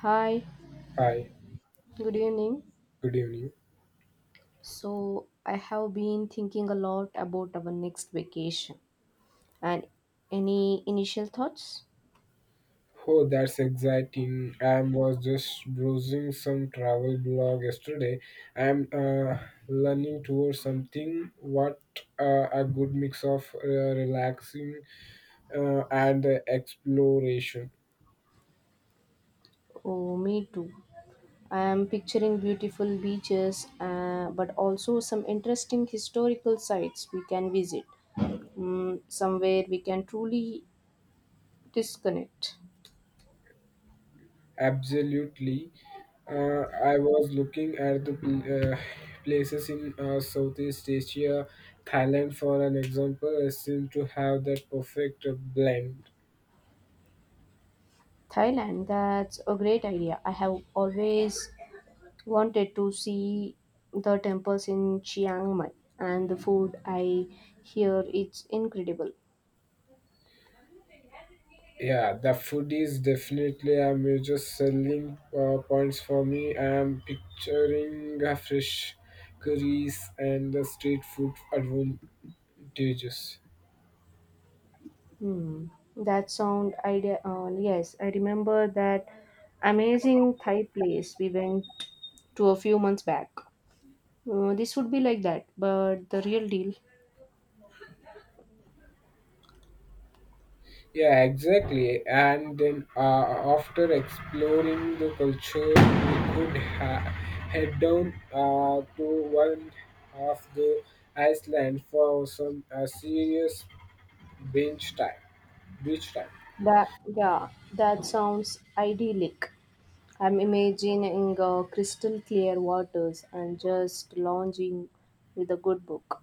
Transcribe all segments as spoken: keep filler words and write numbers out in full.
Hi, Hi, good evening. good evening. So, I have been thinking a lot about our next vacation. And any initial thoughts? Oh, that's exciting. I was just browsing some travel blog yesterday. I'm uh, learning towards something what uh, a good mix of uh, relaxing uh, and uh, exploration. Oh, me too. I am picturing beautiful beaches, uh, but also some interesting historical sites we can visit. Mm, somewhere we can truly disconnect. Absolutely. Uh, I was looking at the pl- uh, places in uh, Southeast Asia, Thailand, for an example, seem to have that perfect blend. Thailand, that's a great idea. I have always wanted to see the temples in Chiang Mai, and the food I hear it's incredible. Yeah, the food is definitely a major selling uh, points for me. I am picturing uh, fresh curries and the street food advantages. Hmm. That sound idea. Uh, yes, I remember that amazing Thai place we went to a few months back. Uh, this would be like that, but the real deal. Yeah, exactly. And then uh, after exploring the culture, we could ha- head down uh, to one of the Iceland for some uh, serious bench time. Beach time. That, yeah, that sounds idyllic. I'm imagining uh, crystal clear waters and just lounging with a good book.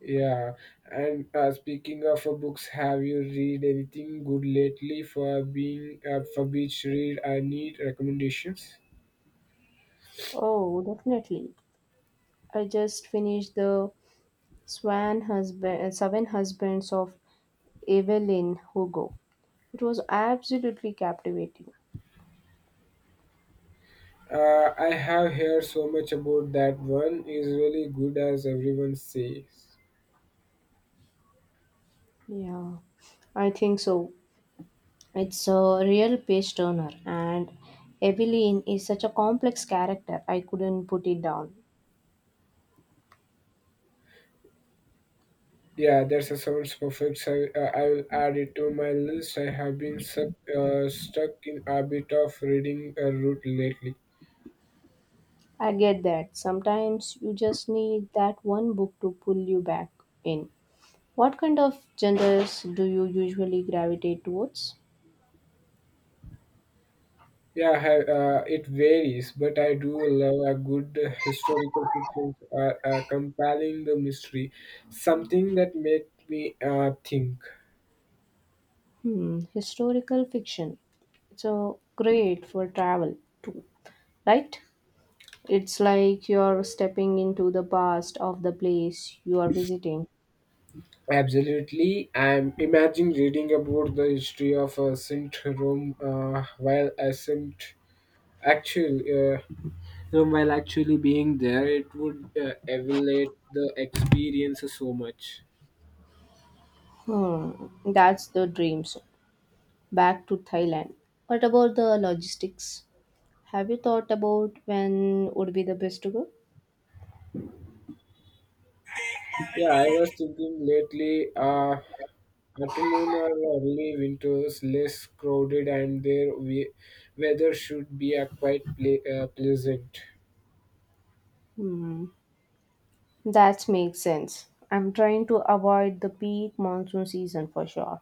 Yeah, and uh, speaking of uh, books, have you read anything good lately for being uh, for beach read? I need recommendations. Oh, definitely. I just finished the Swan Husband, Seven Husbands of Evelyn Hugo. It was absolutely captivating. Uh, I have heard so much about that one. Is really good as everyone says. Yeah, I think so. It's a real page turner, and Evelyn is such a complex character. I couldn't put it down. Yeah, that's a sounds perfect. So uh, I will add it to my list. I have been stuck uh, stuck in a bit of reading uh, route lately. I get that. Sometimes you just need that one book to pull you back in. What kind of genres do you usually gravitate towards? Yeah, ha- uh, it varies, but I do love a good uh, historical fiction, uh, uh, compelling the mystery, something that make me uh, think. Hmm, historical fiction. So great for travel too, right? It's like you're stepping into the past of the place you are visiting. Absolutely, I'm imagine reading about the history of uh, Saint Rome uh, while I Saint actual uh, Rome while actually being there. It would uh, elevate the experience so much. Hmm, that's the dream. So back to Thailand. What about the logistics? Have you thought about when would be the best to go? Yeah, I was thinking lately, uh, autumn or early winters less crowded and their we- weather should be uh, quite ple- uh, pleasant. Hmm, that makes sense. I'm trying to avoid the peak monsoon season for sure.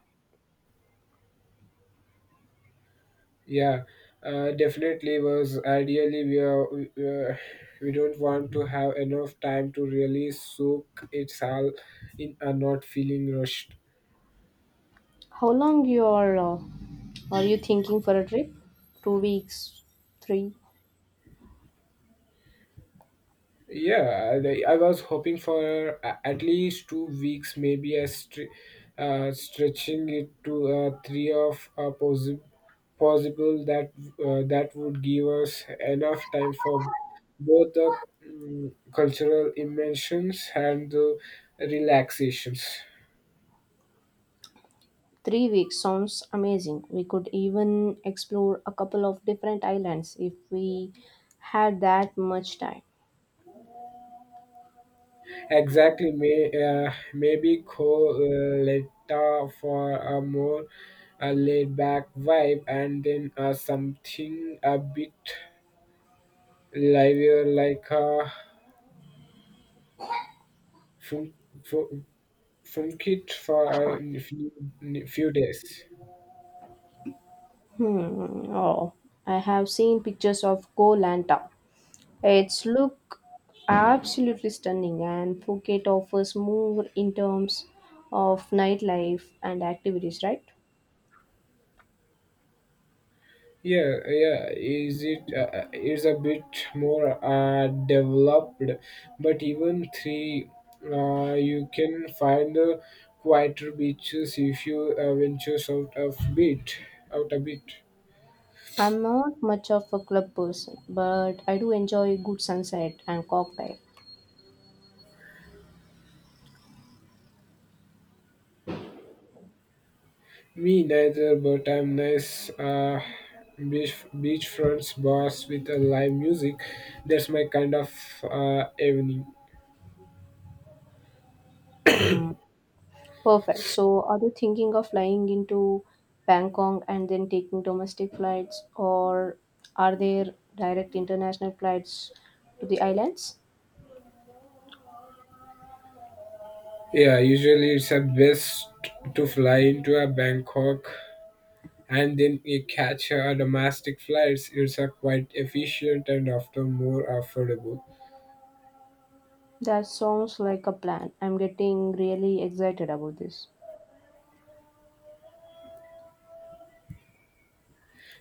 Yeah, uh, definitely was ideally we are, we, uh, we don't want to have enough time to really soak it all in and not feeling rushed. How long you are uh, are you thinking for a trip? Two weeks, three, Yeah, I I was hoping for a- at least two weeks, maybe a stre- uh, stretching it to uh, three of uh, possi- possible that uh, that would give us enough time for both the mm, cultural immersions and the relaxations. three weeks sounds amazing. We could even explore a couple of different islands if we had that much time. Exactly, may uh, maybe call uh, Letta for a more a laid back vibe and then uh, something a bit live here like a from from from kit for a few, few days. Hmm. Oh, I have seen pictures of Koh Lanta. It's look absolutely stunning, and Phuket offers more in terms of nightlife and activities, right? Yeah, yeah. Is it uh, is a bit more uh, developed, but even three, uh, you can find the quieter beaches if you uh, venture out of bit, out a bit. I'm not much of a club person, but I do enjoy good sunset and cocktail. Me neither, but I'm nice uh, beach beachfronts bars with a live music. That's my kind of uh, evening. Hmm. Perfect. So, are you thinking of flying into Bangkok and then taking domestic flights, or are there direct international flights to the islands? Yeah, usually it's a best to fly into a Bangkok and then you catch a domestic flights. It's a quite efficient and often more affordable. That sounds like a plan. I'm getting really excited about this.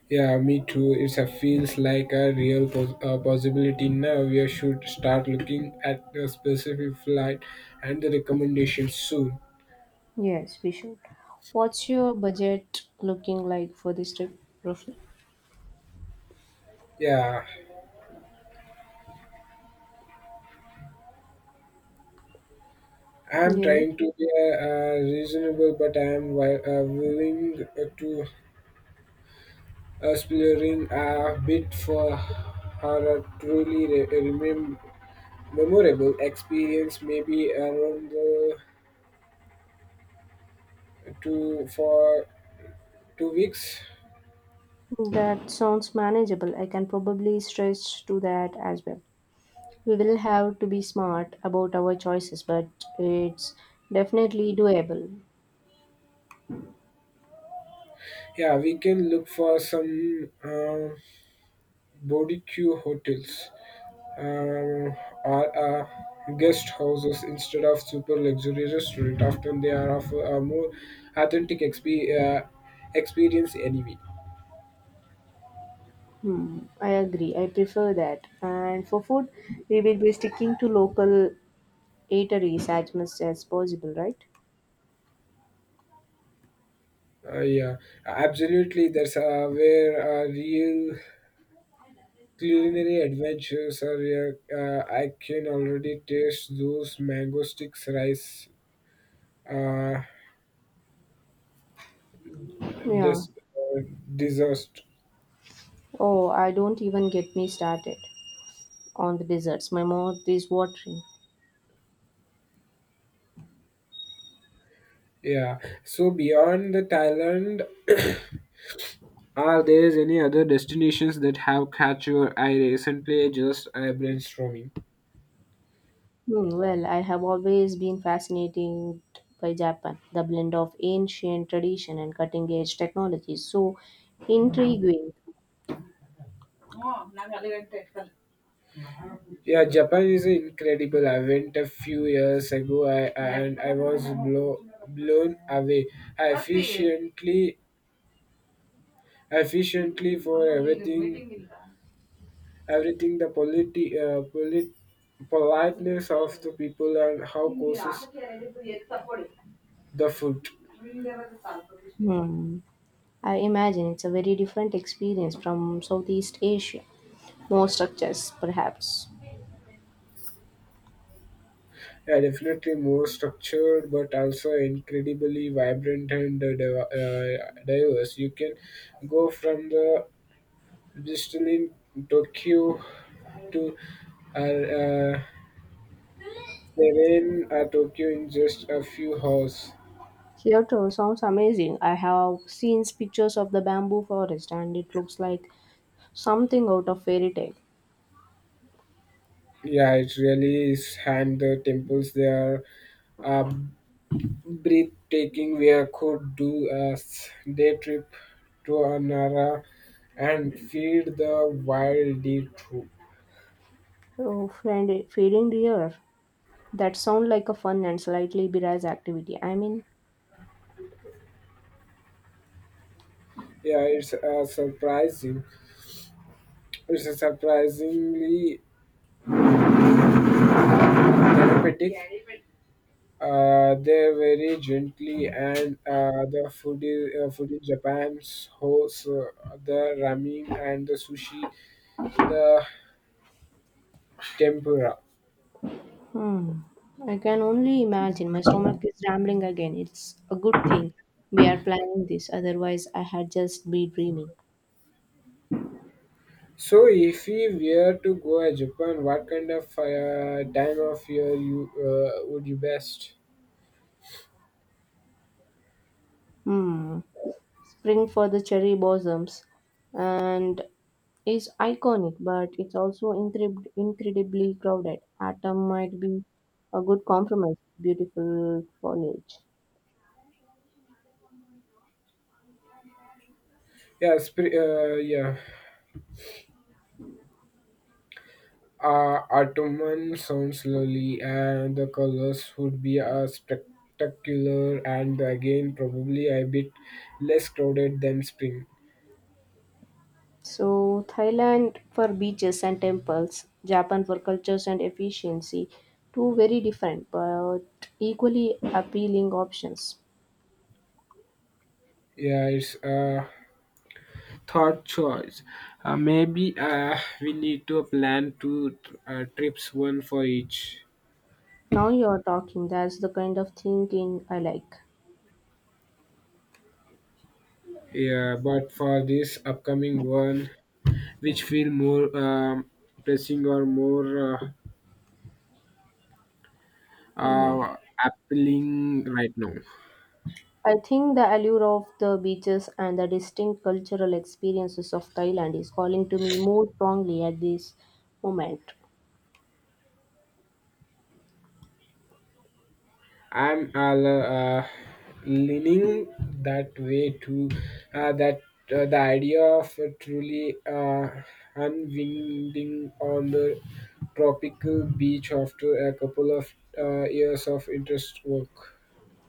Yeah, me too. It's a feels like a real pos- uh, possibility now. We should start looking at the specific flight and the recommendations soon. Yes, we should. What's your budget looking like for this trip, roughly? Yeah, I'm Yes. trying to be uh, uh, reasonable, but I'm wi- uh, willing uh, to uh, exploring a bit for her a truly re- remem- memorable experience. Maybe around the two for two weeks. That sounds manageable. I can probably stretch to that as well. We will have to be smart about our choices, but it's definitely doable. Yeah, we can look for some uh, barbecue hotels. Um, are uh, Guest houses instead of super luxury restaurant. Often they are of a more authentic exp- uh, experience anyway. Hmm, I agree. I prefer that. And for food, we will be sticking to local eateries as much as possible, right? Uh, yeah, absolutely. That's uh, where uh, real culinary adventures are. Uh, uh, I can already taste those mango sticks, rice, uh, Yeah. this uh, dessert. Oh, I don't even get me started on the desserts. My mouth is watering. Yeah. So beyond the Thailand, are there any other destinations that have caught your eye recently? Just I brainstorming. Hmm, well, I have always been fascinated by Japan. The blend of ancient tradition and cutting edge technology is so intriguing. Yeah, Japan is incredible. I went a few years ago I, and I was blow, blown away. I efficiently, Efficiently for everything, everything the politi, uh, polit, politeness of the people and how courses the food. Hmm. I imagine it's a very different experience from Southeast Asia. More structures, perhaps. Yeah, definitely more structured, but also incredibly vibrant and uh, div- uh, diverse. You can go from the distilling Tokyo to uh, uh, serene uh, Tokyo in just a few hours. Kyoto sounds amazing. I have seen pictures of the bamboo forest and it looks like something out of fairy tale. Yeah, it really is. And the temples there are uh, breathtaking. We are- could do a s- day trip to Anara and feed the wild deer. Oh, friend, feeding deer. That sounds like a fun and slightly bizarre activity. I mean, Yeah, it's uh, surprising. It's a surprisingly therapeutic. Uh, they're very gently, and uh, the food is uh, food in Japan's hosts uh, the ramen and the sushi, the tempura. hmm, I can only imagine. My stomach is rambling again. It's a good thing we are planning this, otherwise, I had just be dreaming. So, if we were to go to Japan, what kind of uh, time of year you uh, would you best? Hmm. Spring for the cherry blossoms and is iconic, but it's also incre- incredibly crowded. Autumn might be a good compromise, beautiful foliage. Yeah, spring. Uh, yeah. Uh, Ottoman sounds lovely, and the colors would be uh, spectacular, and again, probably a bit less crowded than spring. So, Thailand for beaches and temples, Japan for cultures and efficiency. Two very different but equally appealing options. Yeah, it's a thought choice. Uh, maybe uh, we need to plan two uh, trips, one for each. Now you're talking, that's the kind of thinking I like. Yeah, but for this upcoming one, which feel more um, pressing or more uh, Yeah. uh, appealing right now? I think the allure of the beaches and the distinct cultural experiences of Thailand is calling to me more strongly at this moment. I'm uh, uh, leaning that way too. Uh, that uh, The idea of a truly uh, unwinding on the tropical beach after a couple of uh, years of interest work.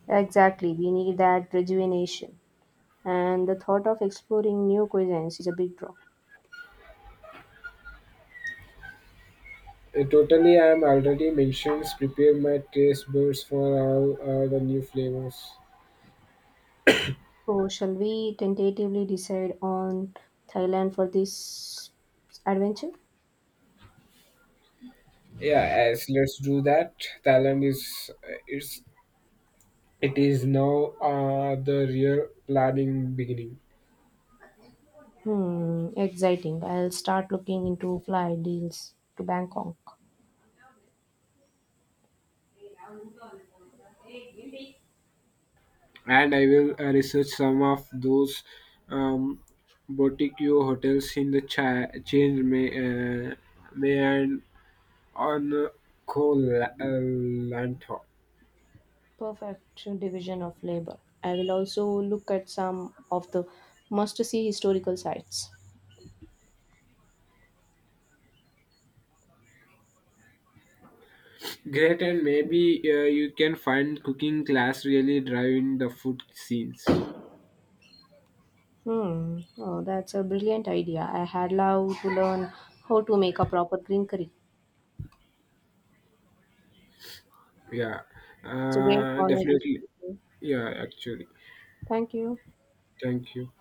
Exactly, we need that rejuvenation. And the thought of exploring new cuisines is a big draw. Uh, totally, I'm already mentioned. Prepare my taste buds for all uh, the new flavors. So, shall we tentatively decide on Thailand for this adventure? Yeah, as let's do that. Thailand is uh, it's it is now uh, the real planning beginning. Hmm, exciting. I'll start looking into flight deals to Bangkok. And I will uh, research some of those um, boutique hotels in the cha- change may uh, may and on uh, Koh-Lanta. Perfect division of labor. I will also look at some of the must see historical sites. Great, and maybe uh, you can find cooking class really driving the food scenes. Hmm, oh, that's a brilliant idea. I had loved to learn how to make a proper green curry. Yeah, It's a great uh, conversation. Definitely. Yeah, actually, Thank you. thank you.